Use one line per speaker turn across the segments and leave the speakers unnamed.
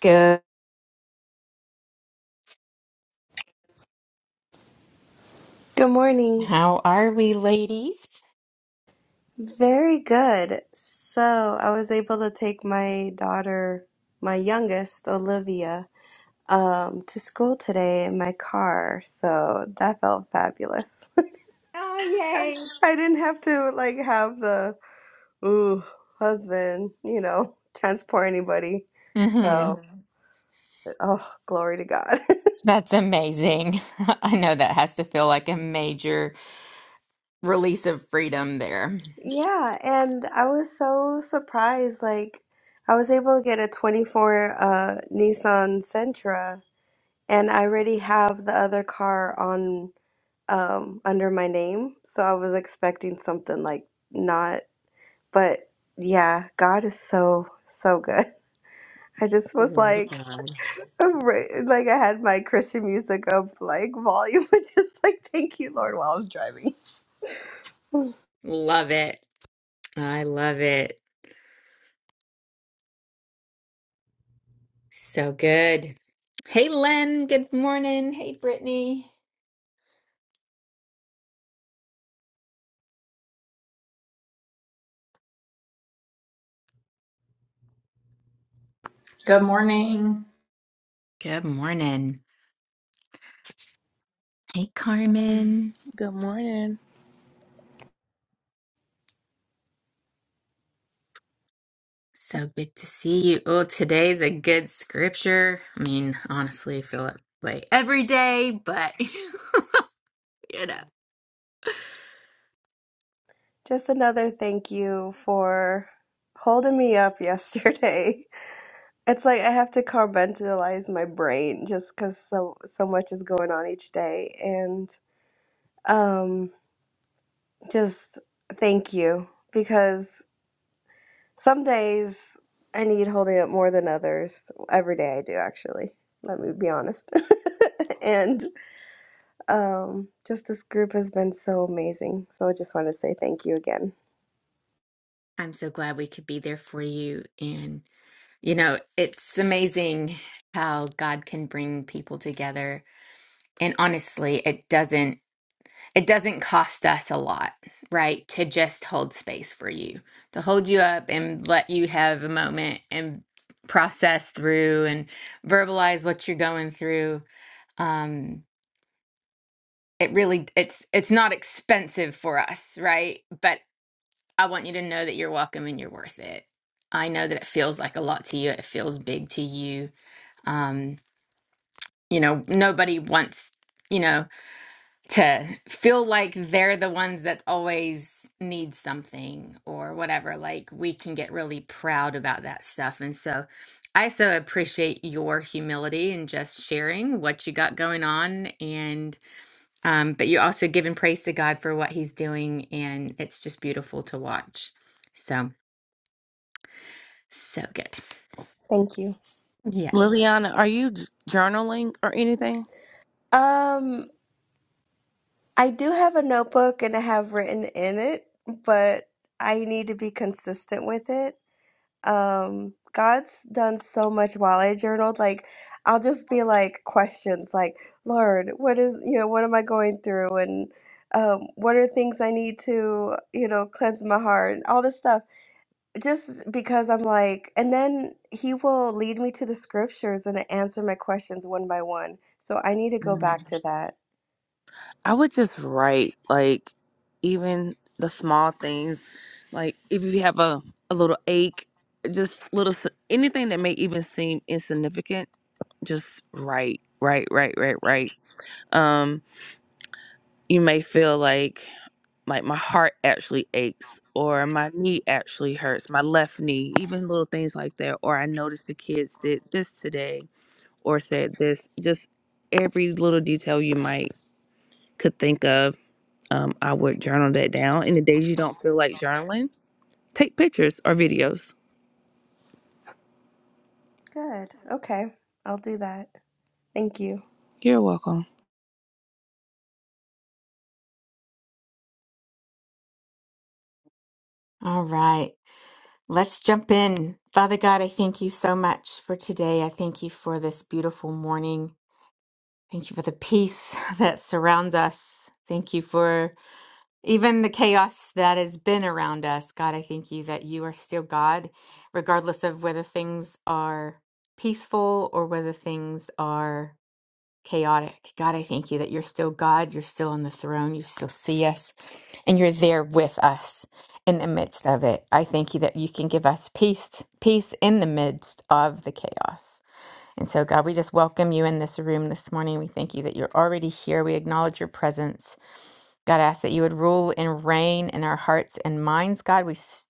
Good.
Good morning.
How are we, ladies?
Very good. So, I was able to take my daughter, my youngest, Olivia, um, to school today in my car. So, that felt fabulous.
Oh, yay.
I didn't have to like have the ooh husband, you know, transport anybody. So,
hmm
Mhm. oh, glory to God.
That's amazing. I know that has to feel like a major release of freedom there.
Yeah, and I was so surprised. Like, I was able to get a 24 uh Nissan Sentra and I already have the other car on um under my name, so I was expecting something like not, but yeah, God is so so good. I just was
Glory to
like
God.
right- like I had my Christian music up like volume and just like thank you Lord while I was driving.
Love it. I love it. So good. Hey, Len. Good morning. Hey, Brittany.
Good morning.
Good morning. Hey, Carmen.
Good morning.
So good to see you. Oh, today's a good scripture. I mean, honestly, I feel that way every day, but you know.
Just another thank you for holding me up yesterday. It's like I have to compartmentalize my brain just cuz so so much is going on each day and um just thank you because some days I need holding up more than others. Every day I do, actually. Let me be honest. and um, just this group has been so amazing. So I just want to say thank you again.
I'm so glad we could be there for you. And, you know, it's amazing how God can bring people together. And honestly, it doesn't it doesn't cost us a lot, right? To just hold space for you, to hold you up and let you have a moment and process through and verbalize what you're going through. Um it really it's it's not expensive for us, right? But I want you to know that you're welcome and you're worth it. I know that it feels like a lot to you. It feels big to you. Um, you know, nobody wants, you know, to feel like they're the ones that always need something or whatever. Like we can get really proud about that stuff. And so I so appreciate your humility and just sharing what you got going on and um but you're also giving praise to God for what he's doing and it's just beautiful to watch. So So good.
Thank you.
Yeah.
Liliana, are you j- journaling or anything?
Um, I do have a notebook and I have written in it, but I need to be consistent with it. um god's done so much while i journaled like i'll just be like questions like lord what is you know what am i going through and um, what are things i need to you know cleanse my heart and all this stuff just because i'm like and then he will lead me to the scriptures and answer my questions one by one so i need to go
Mm.
back to that
I would just write like even the small things, like if you have a, a little ache, just little s- anything that may even seem insignificant, just write, write, write, write, write. Um, you may feel like like my heart actually aches or my knee actually hurts, my left knee, even little things like that, or I noticed the kids did this today or said this, just every little detail you might could think of, um, I would journal that down. And the days you don't feel like journaling, take pictures or videos.
good okay i'll do that thank you
You're welcome.
All right, let's jump in. Father God, I thank you so much for today. I thank you for this beautiful morning. Thank you for the peace that surrounds us. Thank you for even the chaos that has been around us. God, I thank you that you are still God, regardless of whether things are peaceful or whether things are chaotic. God, I thank you that you're still God, you're still on the throne, you still see us, and you're there with us in the midst of it. I thank you that you can give us peace, peace in the midst of the chaos. And so, God, we just welcome you in this room this morning. We thank you that you're already here. We acknowledge your presence. God, I ask that you would rule and reign in our hearts and minds. God, we s-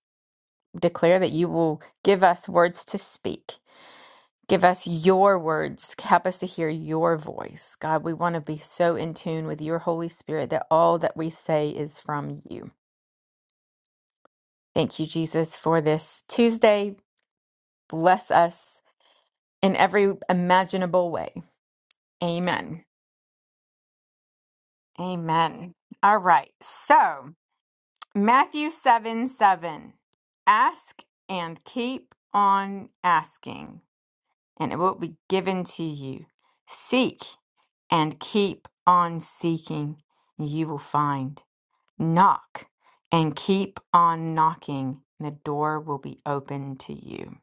declare that you will give us words to speak. Give us your words. Help us to hear your voice. God, we want to be so in tune with your Holy Spirit that all that we say is from you. Thank you, Jesus, for this Tuesday. Bless us in every imaginable way. Amen. Amen. All right. So, Matthew 7 7. Ask and keep on asking, and it will be given to you. Seek and keep on seeking, you will find. Knock and keep on knocking, the door will be open to you.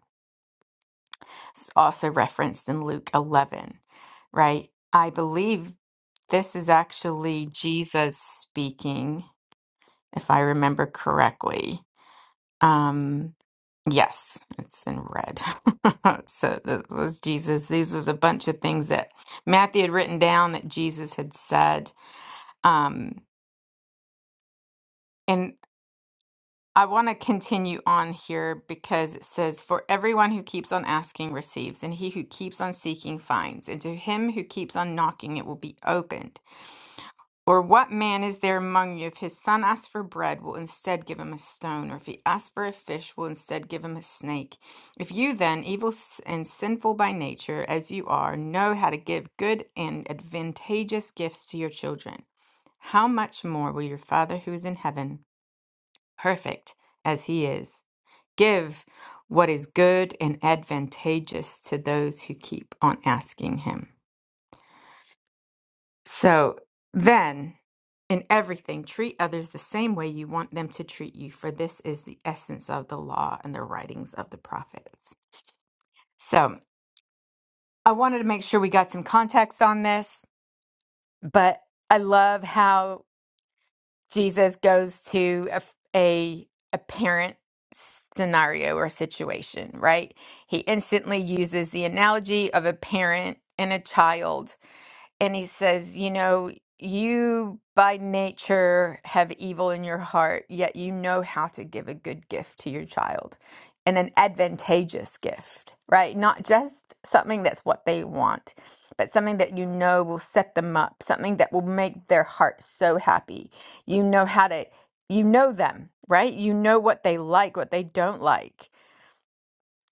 It's also referenced in Luke 11, right? I believe this is actually Jesus speaking, if I remember correctly. Um, yes, it's in red. so this was Jesus. These was a bunch of things that Matthew had written down that Jesus had said. Um, and. I want to continue on here because it says, For everyone who keeps on asking receives, and he who keeps on seeking finds, and to him who keeps on knocking it will be opened. Or what man is there among you, if his son asks for bread, will instead give him a stone, or if he asks for a fish, will instead give him a snake? If you then, evil s- and sinful by nature as you are, know how to give good and advantageous gifts to your children, how much more will your Father who is in heaven, perfect as he is, give what is good and advantageous to those who keep on asking him. So then, in everything, treat others the same way you want them to treat you, for this is the essence of the law and the writings of the prophets. So I wanted to make sure we got some context on this, but I love how. Jesus goes to a, a apparent scenario or situation, right? He instantly uses the analogy of a parent and a child and he says, You know, you by nature have evil in your heart, yet you know how to give a good gift to your child and an advantageous gift, right? Not just something that's what they want, but something that you know will set them up, something that will make their heart so happy. You know how to, you know them, right? You know what they like, what they don't like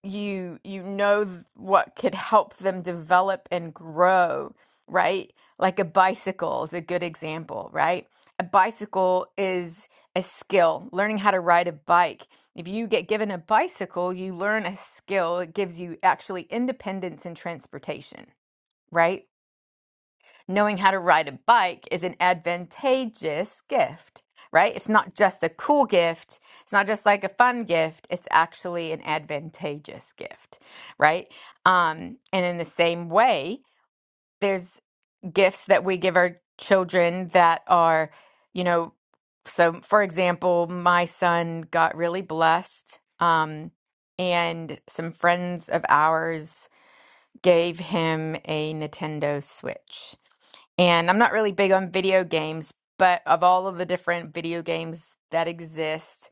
you you know th- what could help them develop and grow, right? Like a bicycle is a good example, right? A bicycle is a skill, learning how to ride a bike. If you get given a bicycle, you learn a skill. It gives you actually independence in transportation, right? knowing how to ride a bike is an advantageous gift, right? It's not just a cool gift. It's not just like a fun gift. It's actually an advantageous gift, right? Um, and in the same way, there's gifts that we give our children that are, you know, so for example, my son got really blessed, um, and some friends of ours gave him a Nintendo Switch and I'm not really big on video games, but of all of the different video games that exist,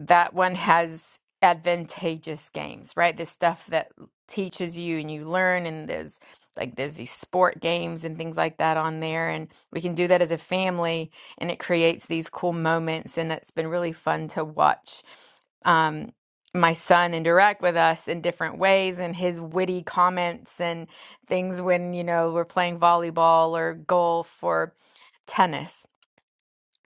that one has advantageous games, right? This stuff that teaches you and you learn and there's like there's these sport games and things like that on there and we can do that as a family and it creates these cool moments and it's been really fun to watch um my son interact with us in different ways and his witty comments and things when you know we're playing volleyball or golf or tennis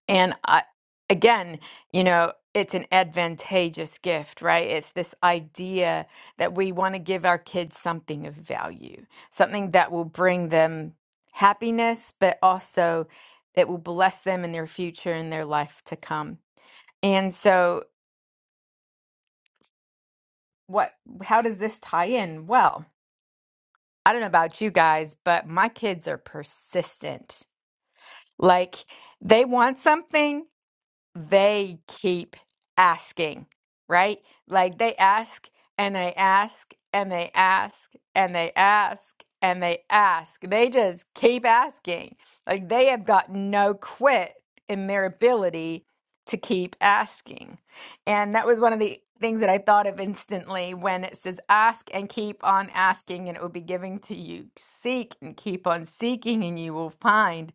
and I, again, you know, it's an advantageous gift, right? It's this idea that we want to give our kids something of value, something that will bring them happiness, but also that will bless them in their future and their life to come. And so, what, how does this tie in? Well, I don't know about you guys, but my kids are persistent. Like, they want something they keep asking, right? Like they ask and they ask and they ask and they ask and they ask. They just keep asking. Like they have got no quit in their ability to keep asking. And that was one of the things that I thought of instantly when it says ask and keep on asking and it will be given to you. Seek and keep on seeking and you will find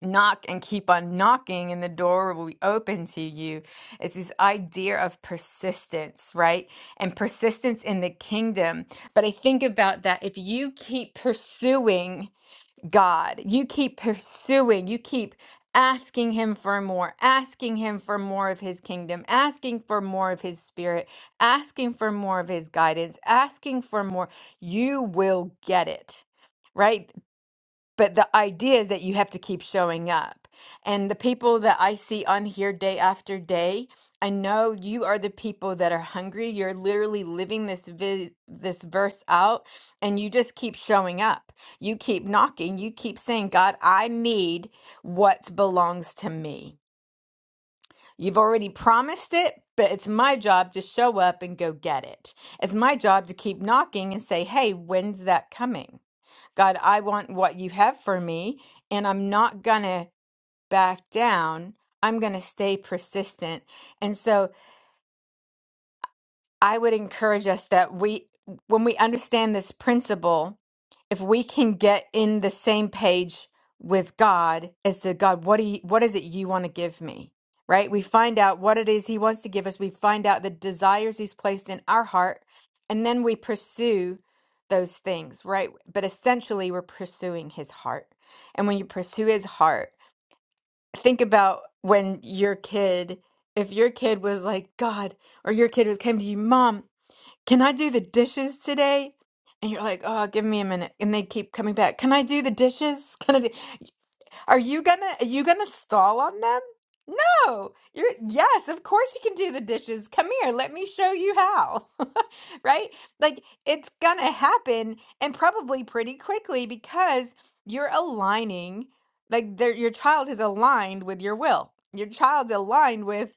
knock and keep on knocking and the door will be open to you It's this idea of persistence right and persistence in the kingdom but i think about that if you keep pursuing god you keep pursuing you keep asking him for more asking him for more of his kingdom asking for more of his spirit asking for more of his guidance asking for more you will get it right but the idea is that you have to keep showing up. And the people that I see on here day after day, I know you are the people that are hungry. You're literally living this vi- this verse out and you just keep showing up. You keep knocking, you keep saying, "God, I need what belongs to me." You've already promised it, but it's my job to show up and go get it. It's my job to keep knocking and say, "Hey, when's that coming?" God, I want what you have for me, and I'm not gonna back down. I'm gonna stay persistent. And so I would encourage us that we, when we understand this principle, if we can get in the same page with God as to God, what do you, what is it you want to give me? Right? We find out what it is He wants to give us. We find out the desires He's placed in our heart, and then we pursue those things, right? But essentially, we're pursuing His heart. And when you pursue His heart, think about when your kid, if your kid was like, God, or your kid was came to you, Mom. Can I do the dishes today? And you're like, oh, give me a minute. And they keep coming back. Can I do the dishes? Can I do Are you gonna are you gonna stall on them? No. You're yes, of course you can do the dishes. Come here, let me show you how. Right? Like it's gonna happen and probably pretty quickly because you're aligning like their your child is aligned with your will. Your child's aligned with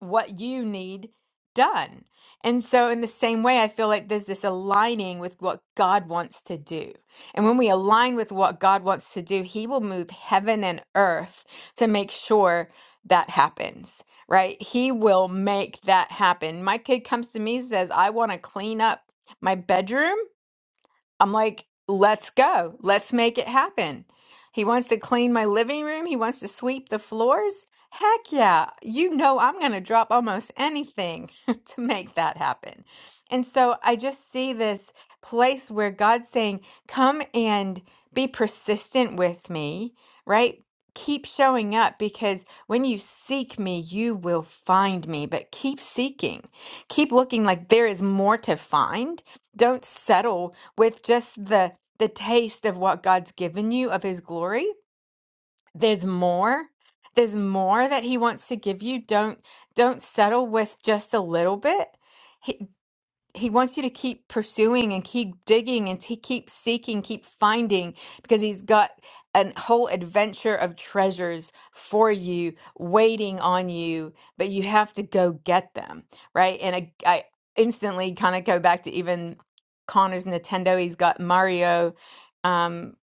what you need done. And so, in the same way, I feel like there's this aligning with what God wants to do. And when we align with what God wants to do, He will move heaven and earth to make sure that happens, right? He will make that happen. My kid comes to me and says, I want to clean up my bedroom I'm like, let's go. Let's make it happen. He wants to clean my living room. He wants to sweep the floors. Heck yeah. You know, I'm going to drop almost anything to make that happen. And so I just see this place where God's saying, come and be persistent with me, right? Keep showing up because when you seek me, you will find me. But keep seeking, keep looking like there is more to find. Don't settle with just the the taste of what God's given you of his glory. There's more. There's more that he wants to give you. Don't don't settle with just a little bit he wants you to keep pursuing and keep digging and to keep seeking, keep finding because he's got a whole adventure of treasures for you waiting on you, but you have to go get them, right? And I, I instantly kind of go back to even Connor's Nintendo. He's got Mario, um,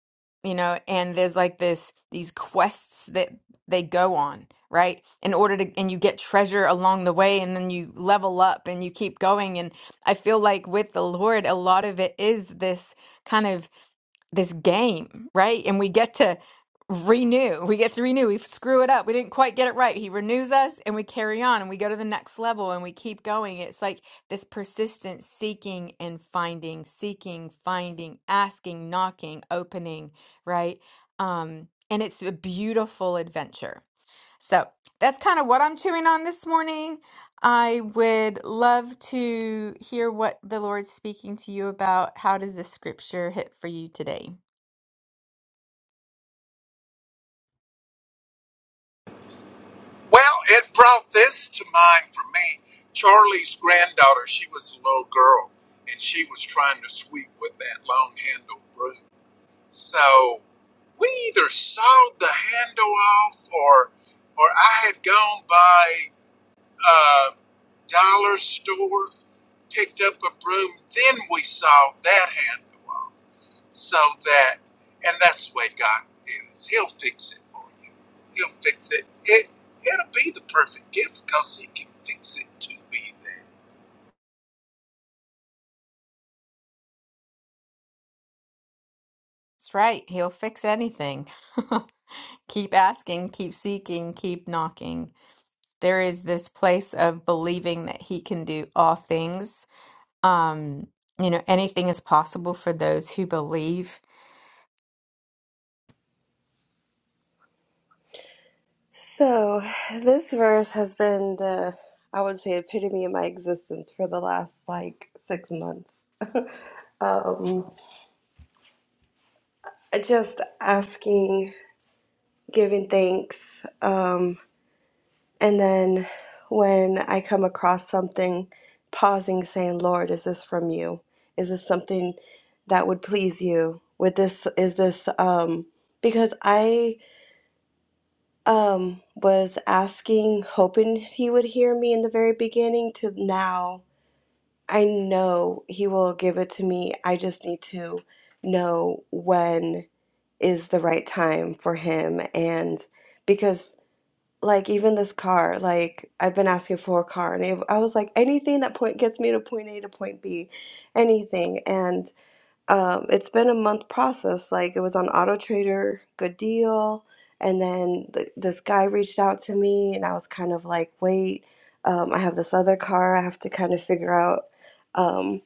you know, and there's like this these quests that they go on right in order to and you get treasure along the way and then you level up and you keep going and I feel like with the Lord, a lot of it is this kind of this game, right? And we get to renew. We get to renew. We screw it up. We didn't quite get it right. He renews us and we carry on and we go to the next level and we keep going. It's like this persistent seeking and finding, seeking, finding, asking, knocking, opening, right? Um, and it's a beautiful adventure. So that's kind of what I'm chewing on this morning. I would love to hear what the Lord's speaking to you about. How does this scripture hit for you today?
Well, it brought this to mind for me. Charlie's granddaughter, she was a little girl, and she was trying to sweep with that long handled broom. So we either sawed the handle off, or or I had gone by a dollar store, picked up a broom, then we sawed that handle off so that, and that's the way God is. He'll fix it for you. He'll fix it. It it'll be the perfect gift because He can fix it to be there.
That's right. He'll fix anything. keep asking, keep seeking, keep knocking. There is this place of believing that he can do all things. Um, you know, anything is possible for those who believe.
So, this verse has been the, I would say, epitome of my existence for the last like six months. Um, just asking, giving thanks, um, and then when I come across something, pausing, saying, "Lord, is this from you? Is this something that would please you? With this is this?" Um, because I um, was asking, hoping He would hear me in the very beginning, to now. I know he will give it to me. I just need to know when is the right time for him. And because, like, even this car, like, I've been asking for a car, and it, I was like, anything that point gets me to point A to point B, anything. and um, it's been a month process. Like it was on Auto Trader, good deal, and then th- this guy reached out to me, and I was kind of like, wait, um, I have this other car I have to kind of figure out. Um,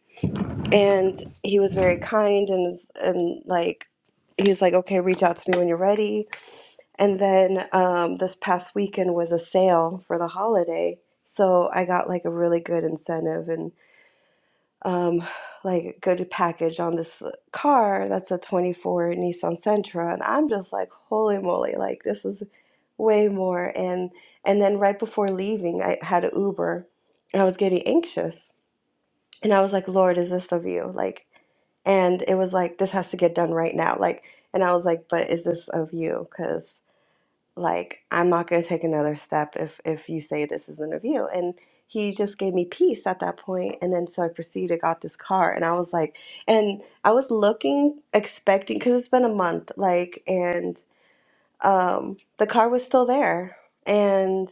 and he was very kind and is- and like he was like, okay, reach out to me when you're ready. And then um, this past weekend was a sale for the holiday, so I got like a really good incentive um, like good package on this uh, car that's a 24 Nissan Sentra and I'm just like holy moly like this is way more and and then right before leaving I had an Uber and I was getting anxious and I was like Lord is this of you like and it was like this has to get done right now like and I was like but is this of you cuz like i'm not going to take another step if if you say this is an review and he just gave me peace at that point and then so i proceeded got this car and i was like and i was looking expecting because it's been a month like and um the car was still there and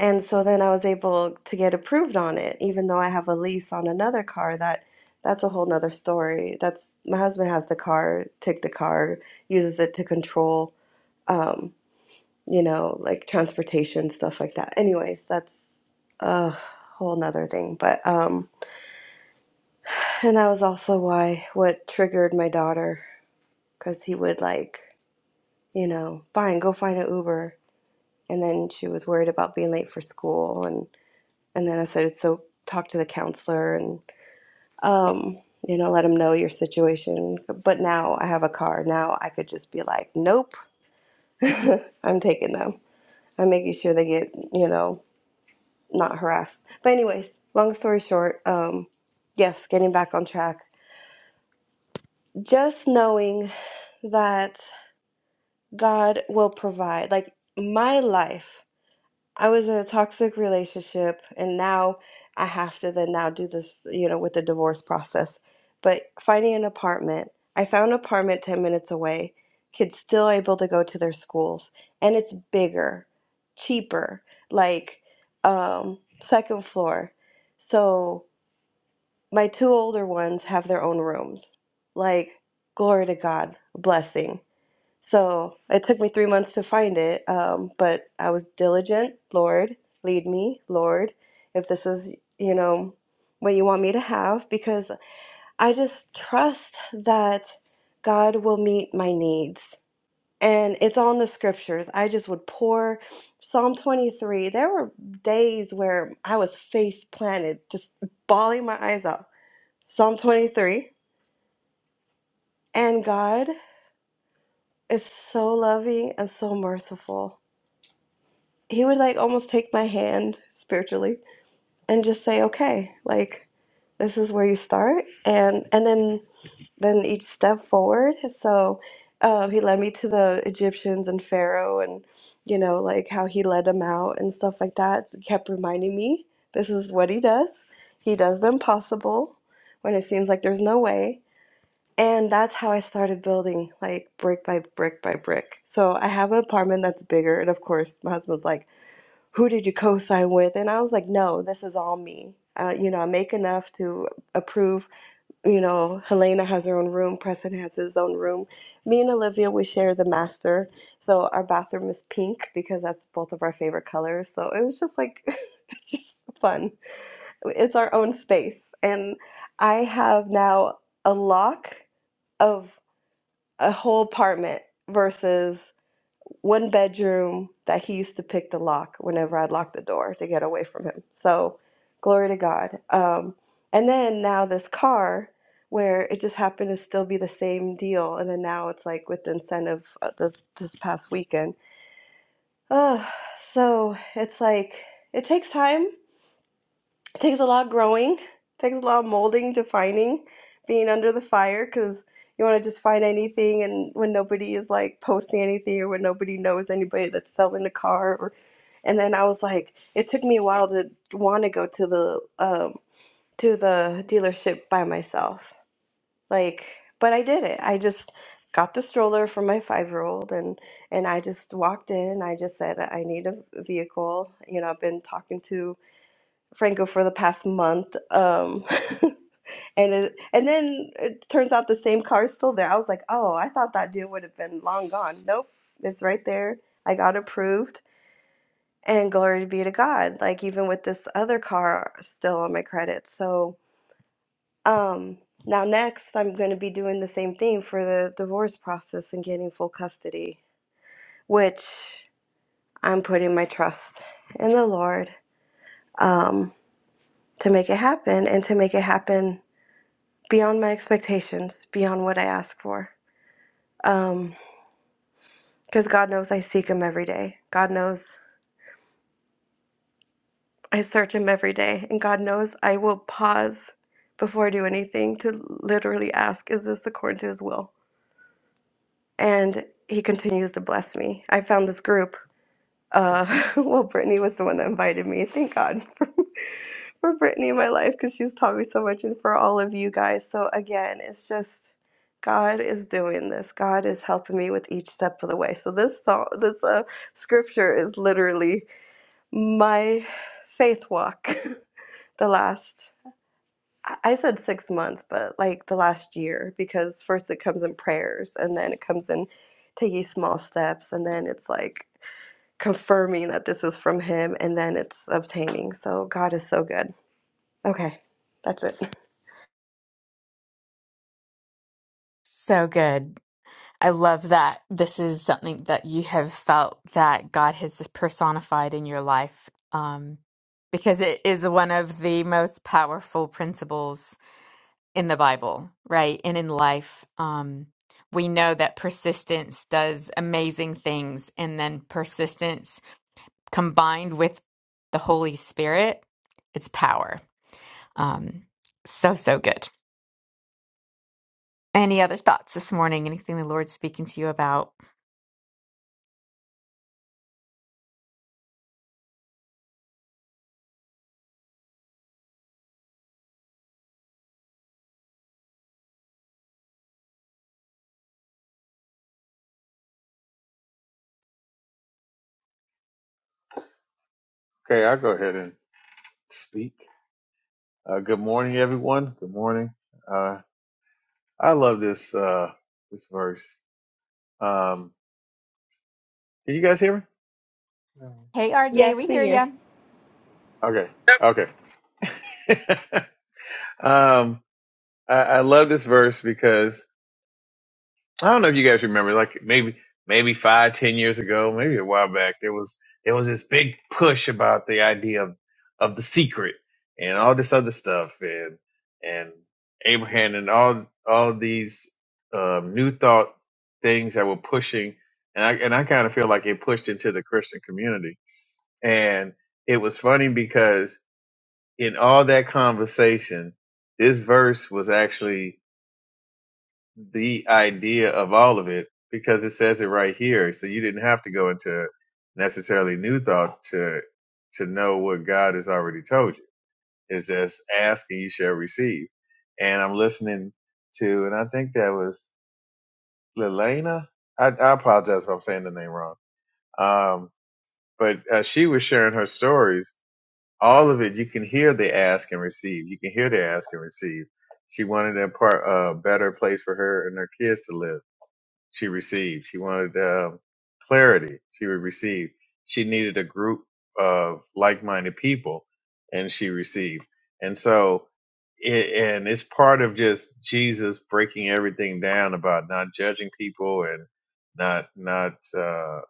and so then i was able to get approved on it even though i have a lease on another car that that's a whole nother story that's my husband has the car took the car uses it to control Um, you know, like transportation, stuff like that. Anyways, that's a whole nother thing. But, um, and that was also why what triggered my daughter, because he would like, you know, fine, go find an Uber. And then she was worried about being late for school. And, and then I said, so talk to the counselor and, um, you know, let him know your situation. But now I have a car. Now I could just be like, nope, I'm taking them. I'm making sure they get, you know, not harass. But anyways, long story short, um yes, getting back on track. Just knowing that God will provide. Like my life, I was in a toxic relationship and now I have to then now do this, you know, with the divorce process. But finding an apartment, I found an apartment 10 minutes away. Kids still able to go to their schools and it's bigger, cheaper, like um second floor. So my two older ones have their own rooms. Like, glory to God, blessing. So it took me three months to find it, um, but I was diligent. Lord, lead me, Lord, if this is, you know, what you want me to have, because I just trust that God will meet my needs. And it's all in the scriptures. I just would pour Psalm 23. There were days where I was face planted, just bawling my eyes out Psalm 23. And God is so loving and so merciful. He would like almost take my hand spiritually and just say, "Okay, like this is where you start," and and then then each step forward. So um, he led me to the Egyptians and Pharaoh, and you know like how he led them out and stuff like that. It kept reminding me this is what he does. He does the impossible when it seems like there's no way And that's how I started building, like brick by brick by brick. So I have an apartment that's bigger. And of course, my husband's like, Who did you co sign with? And I was like, No, this is all me. Uh, you know, I make enough to approve. You know, Helena has her own room, Preston has his own room. Me and Olivia, we share the master. So our bathroom is pink because that's both of our favorite colors. So it was just like, it's just fun. It's our own space. And I have now a lock. of a whole apartment versus one bedroom that he used to pick the lock whenever I'd lock the door to get away from him. So, glory to God. Um, and then now this car, where it just happened to still be the same deal, and then now it's like with the incentive of the, this past weekend. Oh, so it's like it takes time it takes a lot of growing, It takes a lot of molding, defining, being under the fire because you want to just find anything and when nobody is like posting anything or when nobody knows anybody that's selling a car or and then I was like it took me a while to want to go to the um to the dealership by myself. Like but I did it. I just got the stroller for my 5-year-old and and I just walked in. I just said I need a vehicle. You know, I've been talking to Franco for the past month. Um, and it, and then it turns out the same car's still there. I was like, oh, I thought that deal would have been long gone. Nope, it's right there. I got approved, and glory be to God. Like even with this other car still on my credit. So um, now next, I'm going to be doing the same thing for the divorce process and getting full custody, which I'm putting my trust in the Lord um, to make it happen and to make it happen beyond my expectations, beyond what I ask for. Um, because God knows I seek Him every day. God knows I search Him every day, and God knows I will pause before I do anything to literally ask, "Is this according to His will?" And He continues to bless me. I found this group. Uh, well, Brittany was the one that invited me. Thank God. for Brittany in my life because she's taught me so much and for all of you guys. So, again, it's just God is doing this. God is helping me with each step of the way. So, this song, this uh, scripture is literally my faith walk the last. I I said six months, but like the last year, because first it comes in prayers and then it comes in taking small steps, and then it's like confirming that this is from Him, and then it's obtaining. So, God is so good. Okay, that's it.
So good. I love that this is something that you have felt that God has personified in your life, um, because it is one of the most powerful principles in the Bible, right? And in life, um, we know that persistence does amazing things, and then persistence combined with the Holy Spirit, it's power. Um, so, so good. Any other thoughts this morning? Anything the Lord's speaking to you about?
Okay, I'll go ahead and speak. Uh, good morning, everyone. Good morning. Uh, I love this uh, this verse. Um, can you guys hear me? No.
Hey, RJ,
Yes,
we
we
hear
hear.
you.
Okay.
Yep,
Okay. Okay. um, I, I love this verse because I don't know if you guys remember, like maybe maybe five, ten years ago, maybe a while back, there was there was this big push about the idea of of the secret and all this other stuff and and Abraham and all all these um, new thought things that were pushing and I and I kind of feel like it pushed into the Christian community and it was funny because in all that conversation, this verse was actually the idea of all of it because it says it right here. So you didn't have to go into necessarily new thought to to know what God has already told you. It's just ask and you shall receive. And I'm listening to, and I think that was Lelena. I, I apologize if I'm saying the name wrong. Um, but uh, she was sharing her stories. All of it, you can hear the ask and receive. You can hear the ask and receive. She wanted a, part, a better place for her and her kids to live she received. She wanted um clarity. She would receive. She needed a group of like-minded people, and she received. And so, it, and it's part of just Jesus breaking everything down about not judging people and not not uh,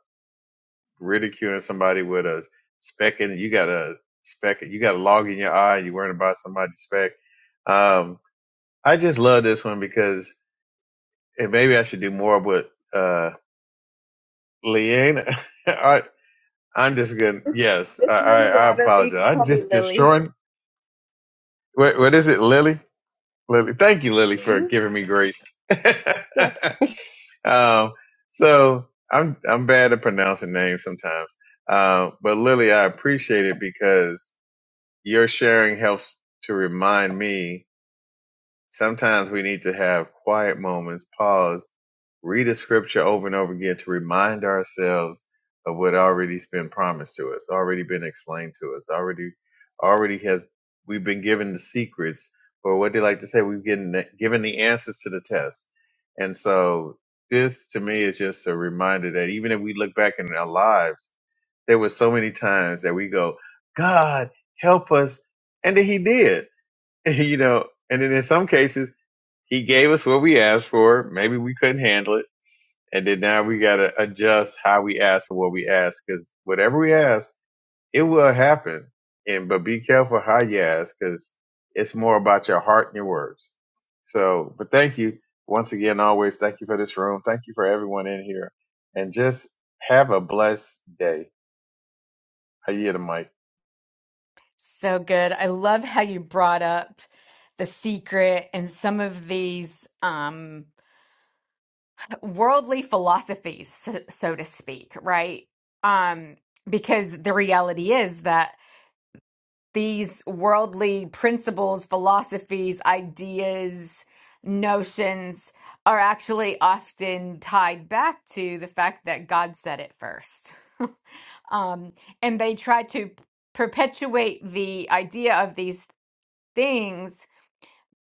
ridiculing somebody with a speck in it. You got a speck. You got a log in your eye. You worrying about somebody's speck. Um, I just love this one because, and maybe I should do more of what. uh, Leanne, I, I'm just gonna.
It's
Yes, I,
it's
I, I
Liliana, but you
apologize.
can
I
call me
just
Lily.
destroying. What, what is it, Lily? Lily, thank you, Lily, for
Mhm.
giving me grace.
Yes.
um, so I'm I'm bad at pronouncing names sometimes, uh, but Lily, I appreciate it because your sharing helps to remind me Sometimes we need to have quiet moments, pause, read a scripture over and over again to remind ourselves of what already's been promised to us, already been explained to us, already, already has we've been given the secrets, or what they like to say, we've given given the answers to the test. And so this to me is just a reminder that even if we look back in our lives, there were so many times that we go, God, help us. And then he did, you know, and then in some cases, he gave us what we asked for. Maybe we couldn't handle it. And then now we got to adjust how we ask for what we ask because whatever we ask, it will happen. And, but be careful how you ask because it's more about your heart and your words. So, but thank you once again, always. Thank you for this room. Thank you for everyone in here and just have a blessed day. I yield the mic.
So good. I love how you brought up The Secret and some of these um worldly philosophies, so, so to speak, right? Um because the reality is that these worldly principles, philosophies, ideas, notions are actually often tied back to the fact that God said it first. um and they try to perpetuate the idea of these things,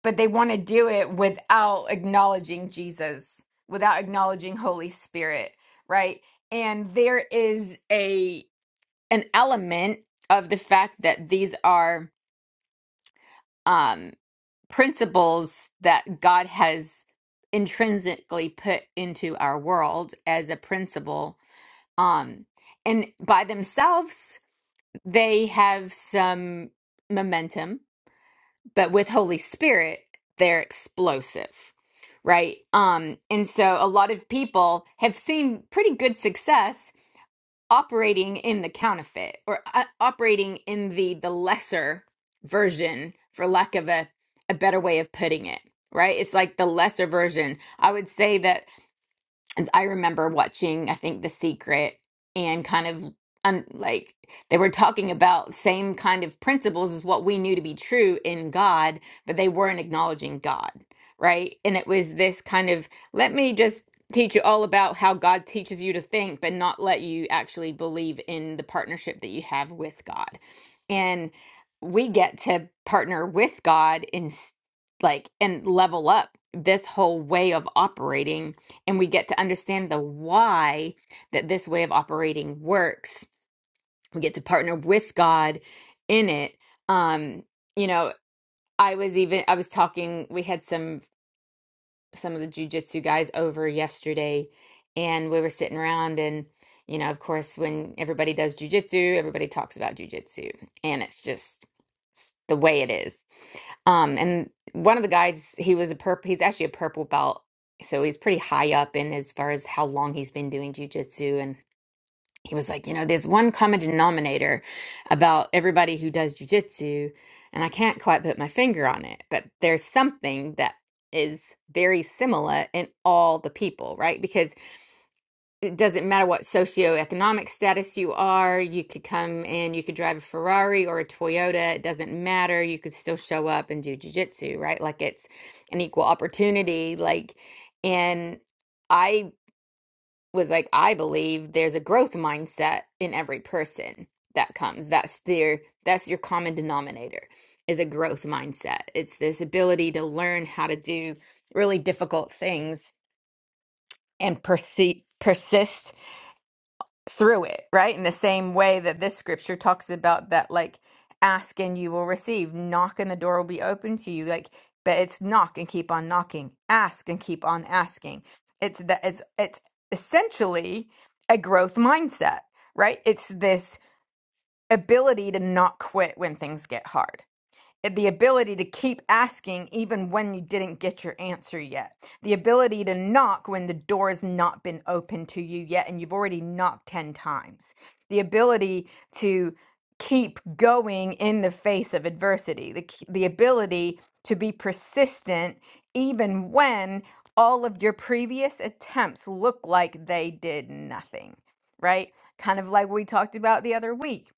but they want to do it without acknowledging Jesus, without acknowledging Holy Spirit, right? And there is a an element of the fact that these are um principles that God has intrinsically put into our world as a principle um and by themselves they have some momentum but with Holy Spirit, they're explosive, right? Um, and so a lot of people have seen pretty good success operating in the counterfeit or uh, operating in the the lesser version, for lack of a a better way of putting it, right? It's like the lesser version. I would say that and I remember watching, I think, The Secret and kind of un- like they were talking about same kind of principles as what we knew to be true in God, but they weren't acknowledging God, right? And it was this kind of let me just teach you all about how God teaches you to think, but not let you actually believe in the partnership that you have with God. And we get to partner with God in s- like and level up this whole way of operating and we get to understand the why that this way of operating works. We get to partner with God in it. Um, you know, I was even I was talking. We had some some of the jujitsu guys over yesterday, and we were sitting around and you know, of course, when everybody does jujitsu, everybody talks about jujitsu, and it's just it's the way it is. Um, and one of the guys, he was a purple. He's actually a purple belt, so he's pretty high up in as far as how long he's been doing jujitsu. and he was like, you know, there's one common denominator about everybody who does jujitsu, and I can't quite put my finger on it, but there's something that is very similar in all the people, right? Because it doesn't matter what socioeconomic status you are, you could come and you could drive a Ferrari or a Toyota, it doesn't matter, you could still show up and do jujitsu, right? Like it's an equal opportunity, like and. I was like, I believe there's a growth mindset in every person that comes. That's their that's your common denominator is a growth mindset. It's this ability to learn how to do really difficult things and perse- persist through it, right? In the same way that this scripture talks about that, like, ask and you will receive, knock and the door will be open to you. Like, but it's knock and keep on knocking, ask and keep on asking. It's that it's it's essentially a growth mindset, right? It's this ability to not quit when things get hard the ability to keep asking even when you didn't get your answer yet, the ability to knock when the door has not been opened to you yet and you've already knocked 10 times, the ability to keep going in the face of adversity, the, k- the ability to be persistent even when all of your previous attempts look like they did nothing, right? Kind of like we talked about the other week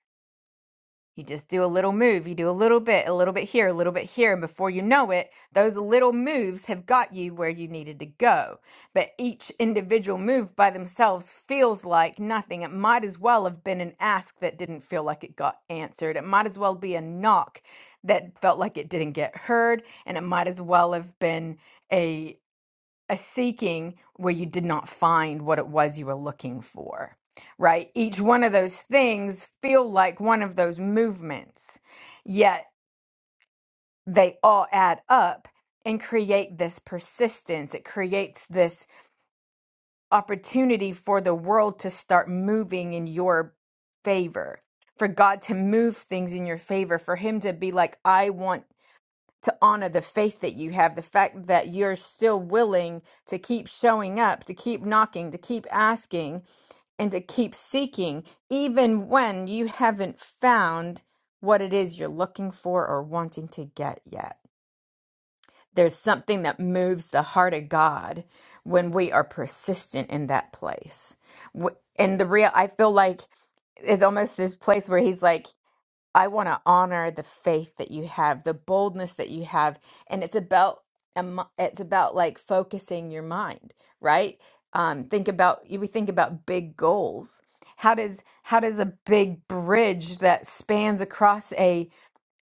you just do a little move, you do a little bit, a little bit here, a little bit here, and before you know it, those little moves have got you where you needed to go. But each individual move by themselves feels like nothing. It might as well have been an ask that didn't feel like it got answered. It might as well be a knock that felt like it didn't get heard, and it might as well have been a a seeking where you did not find what it was you were looking for right each one of those things feel like one of those movements yet they all add up and create this persistence it creates this opportunity for the world to start moving in your favor for god to move things in your favor for him to be like i want to honor the faith that you have, the fact that you're still willing to keep showing up, to keep knocking, to keep asking, and to keep seeking, even when you haven't found what it is you're looking for or wanting to get yet. There's something that moves the heart of God when we are persistent in that place. Wh- And the real, I feel like it's almost this place where He's like, I want to honor the faith that you have, the boldness that you have, and it's about um, it's about like focusing your mind, right? Um, think about we think about big goals. How does how does a big bridge that spans across a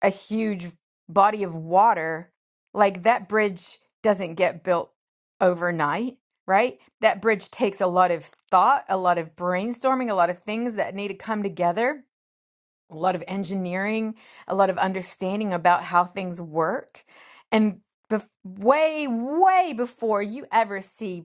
a huge body of water like that bridge doesn't get built overnight, right? That bridge takes a lot of thought, a lot of brainstorming, a lot of things that need to come together a lot of engineering, a lot of understanding about how things work. And bef- way, way before you ever see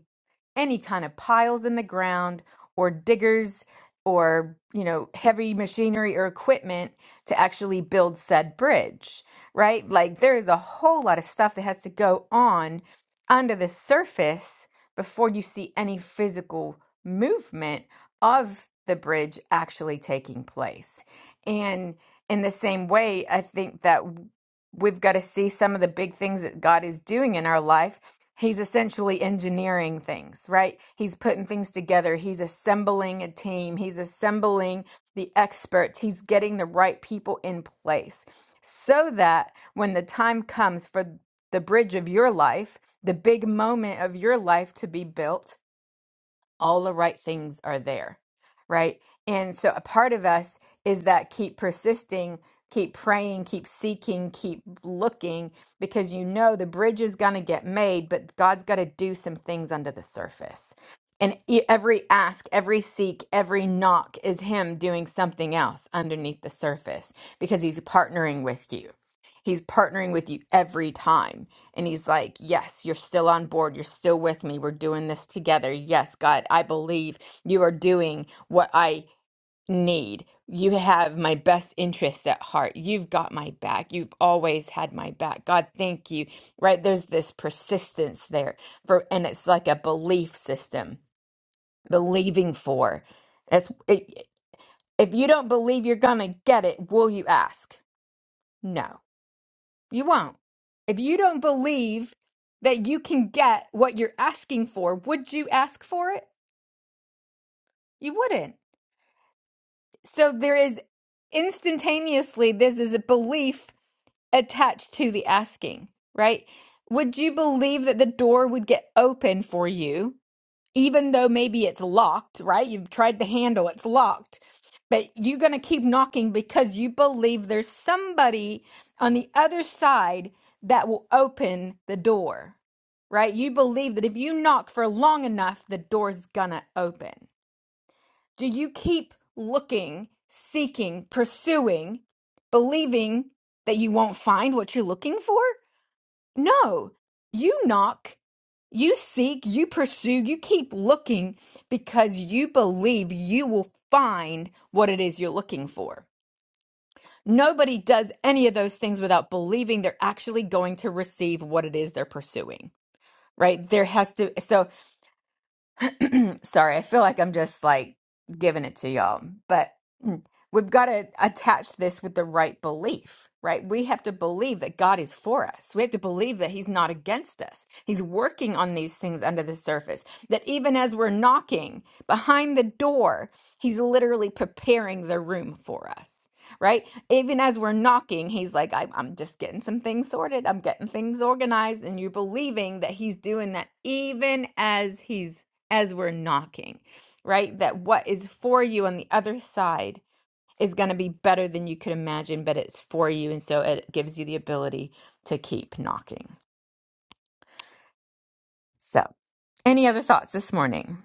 any kind of piles in the ground or diggers or you know heavy machinery or equipment to actually build said bridge right like there is a whole lot of stuff that has to go on under the surface before you see any physical movement of the bridge actually taking place and in the same way i think that w- we've got to see some of the big things that god is doing in our life he's essentially engineering things, right? He's putting things together. He's assembling a team. He's assembling the experts. He's getting the right people in place so that when the time comes for the bridge of your life, the big moment of your life to be built, all the right things are there, right? And so a part of us is that keep persisting, keep praying, keep seeking, keep looking, because you know the bridge is going to get made, but God's got to do some things under the surface. And e- every ask, every seek, every knock is Him doing something else underneath the surface because He's partnering with you. He's partnering with you every time. And he's like, Yes, you're still on board. You're still with me. We're doing this together. Yes, God, I believe you are doing what I need. You have my best interests at heart. You've got my back. You've always had my back. God, thank you. Right? There's this persistence there for and it's like a belief system. Believing for. It's it, if you don't believe you're going to get it, will you ask? No. You won't. If you don't believe that you can get what you're asking for, would you ask for it? You wouldn't. So there is instantaneously, this is a belief attached to the asking, right? Would you believe that the door would get open for you even though maybe it's locked, right? You've tried the handle, it's locked, but you're going to keep knocking because you believe there's somebody on the other side that will open the door, right? You believe that if you knock for long enough, the door's going to open. Do you keep looking, seeking, pursuing, believing that you won't find what you're looking for? No, you knock you seek, you pursue, you keep looking because you believe you will find what it is you're looking for. Nobody does any of those things without believing they're actually going to receive what it is they're pursuing, right? There has to, so Sorry, I feel like I'm just like giving it to y'all, but mm, we've got to attach this with the right belief, right? We have to believe that God is for us. We have to believe that He's not against us. He's working on these things under the surface, that even as we're knocking behind the door, He's literally preparing the room for us. Right? Even as we're knocking, he's like, I'm, I'm just getting some things sorted. I'm getting things organized. And you're believing that he's doing that even as he's as we're knocking, right? That what is for you on the other side is going to be better than you could imagine, but it's for you. And so it gives you the ability to keep knocking. So, any other thoughts this morning?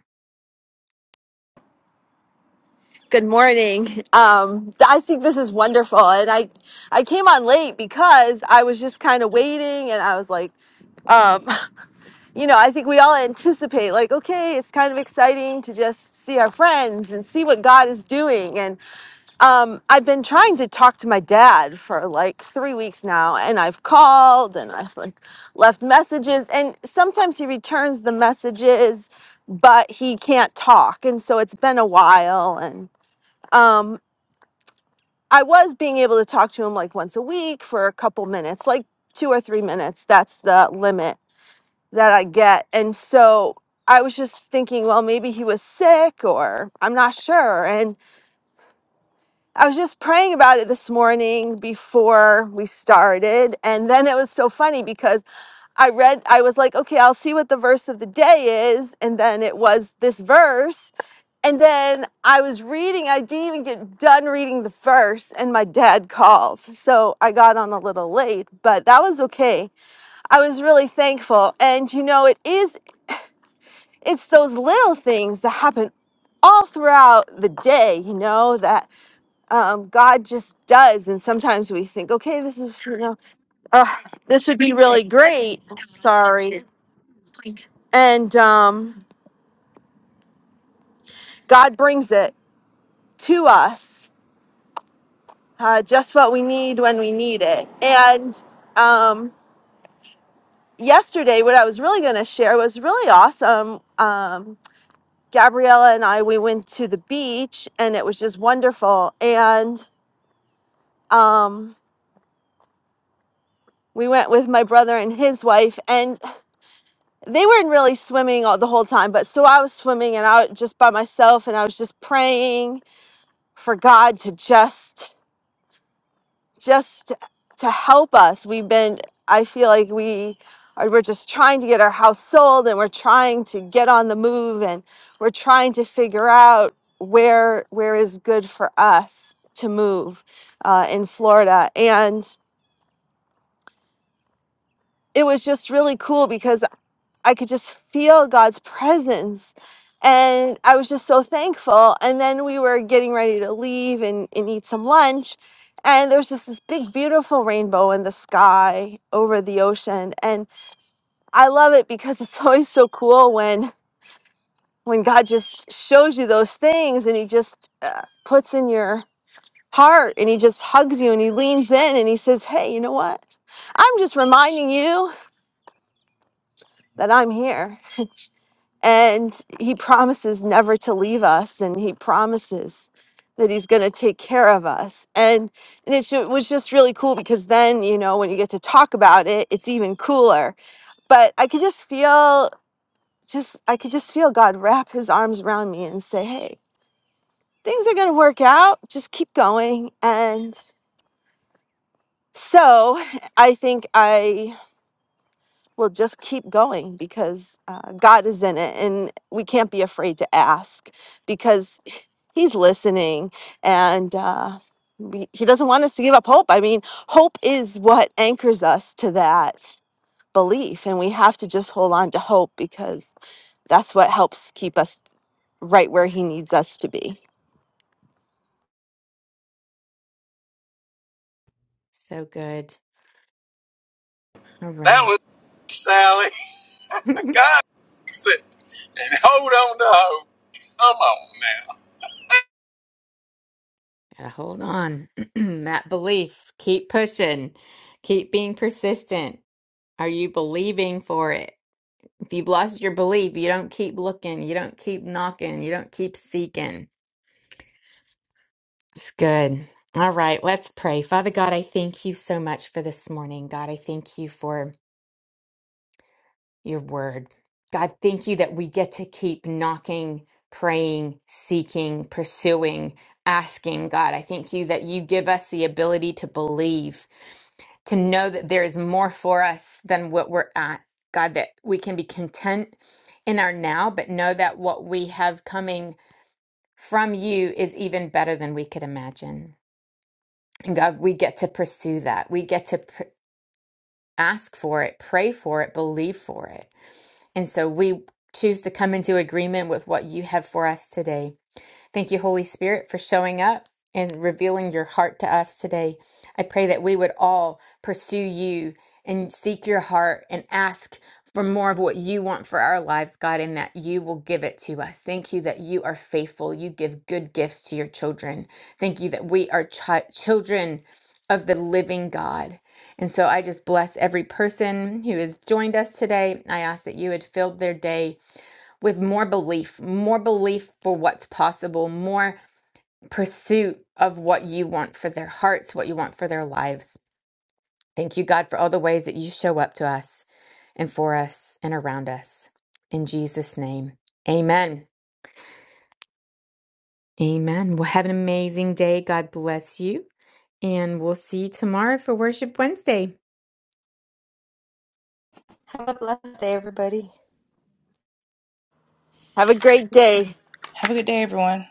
Good morning. Um, I think this is wonderful, and I I came on late because I was just kind of waiting, and I was like, um, you know, I think we all anticipate like, okay, it's kind of exciting to just see our friends and see what God is doing, and um, I've been trying to talk to my dad for like three weeks now, and I've called and I've like left messages, and sometimes he returns the messages, but he can't talk, and so it's been a while, and um i was being able to talk to him like once a week for a couple minutes like two or three minutes that's the limit that i get and so i was just thinking well maybe he was sick or i'm not sure and. I was just praying about it this morning before we started. And then it was so funny because I read, I was like, okay, I'll see what the verse of the day is. And then it was this verse. And then I was reading, I didn't even get done reading the verse, and my dad called. So I got on a little late, but that was okay. I was really thankful. And you know, it is, it's those little things that happen all throughout the day, you know, that um, God just does. And sometimes we think, okay, this is, you know, uh, this would be really great. Sorry. And um, God brings it to us, uh, just what we need when we need it. And um, yesterday, what I was really going to share was really awesome. Um, Gabriella and I, we went to the beach and it was just wonderful. And um, we went with my brother and his wife. and. they weren't really swimming all the whole time, but so I was swimming and I was just by myself and I was just praying for God to just just to help us. We've been I feel like we are we're just trying to get our house sold and we're trying to get on the move and we're trying to figure out where where is good for us to move uh, in Florida and it was just really cool because I could just feel God's presence. And I was just so thankful. And then we were getting ready to leave and, and eat some lunch. And there was just this big, beautiful rainbow in the sky over the ocean. And I love it because it's always so cool when when God just shows you those things and he just uh, puts in your heart and he just hugs you and he leans in and he says, Hey, you know what? I'm just reminding you that I'm here And he promises never to leave us, and he promises that he's going to take care of us. And, and it ju- was just really cool because then, you know, when you get to talk about it, it's even cooler. But I could just feel, just, I could just feel God wrap his arms around me and say, hey, things are going to work out. Just keep going. And so I think I Well, just keep going because uh, God is in it, and we can't be afraid to ask because He's listening, and uh, we, He doesn't want us to give up hope. I mean, hope is what anchors us to that belief, and we have to just hold on to hope because that's what helps keep us right where He needs us to be.
So good. All
that
right.
was Sally.
Gotta
God fix it, and hold on to hope. Come on now.
hold on. that belief. Keep pushing. Keep being persistent. Are you believing for it? If you've lost your belief, you don't keep looking, you don't keep knocking, you don't keep seeking. It's good. All right, let's pray. Father God, I thank you so much for this morning. God, I thank you for your word. God, thank you that we get to keep knocking, praying, seeking, pursuing, asking. God, I thank you that you give us the ability to believe, to know that there is more for us than what we're at. God, that we can be content in our now, but know that what we have coming from you is even better than we could imagine. God, we get to pursue that. We get to pr- ask for it, pray for it, believe for it. And so we choose to come into agreement with what you have for us today. Thank you, Holy Spirit, for showing up and revealing your heart to us today. I pray that we would all pursue you and seek your heart and ask for more of what you want for our lives, God, and that you will give it to us. Thank you that you are faithful. You give good gifts to your children. Thank you that we are chi- children of the living God. And so I just bless every person who has joined us today. I ask that you had filled their day with more belief, more belief for what's possible, more pursuit of what you want for their hearts, what you want for their lives. Thank you, God, for all the ways that you show up to us and for us and around us. In Jesus' name, amen. Amen. Well, have an amazing day. God bless you. And we'll see you tomorrow for Worship Wednesday.
Have a blessed day, everybody.
Have a great day.
Have a good day, everyone.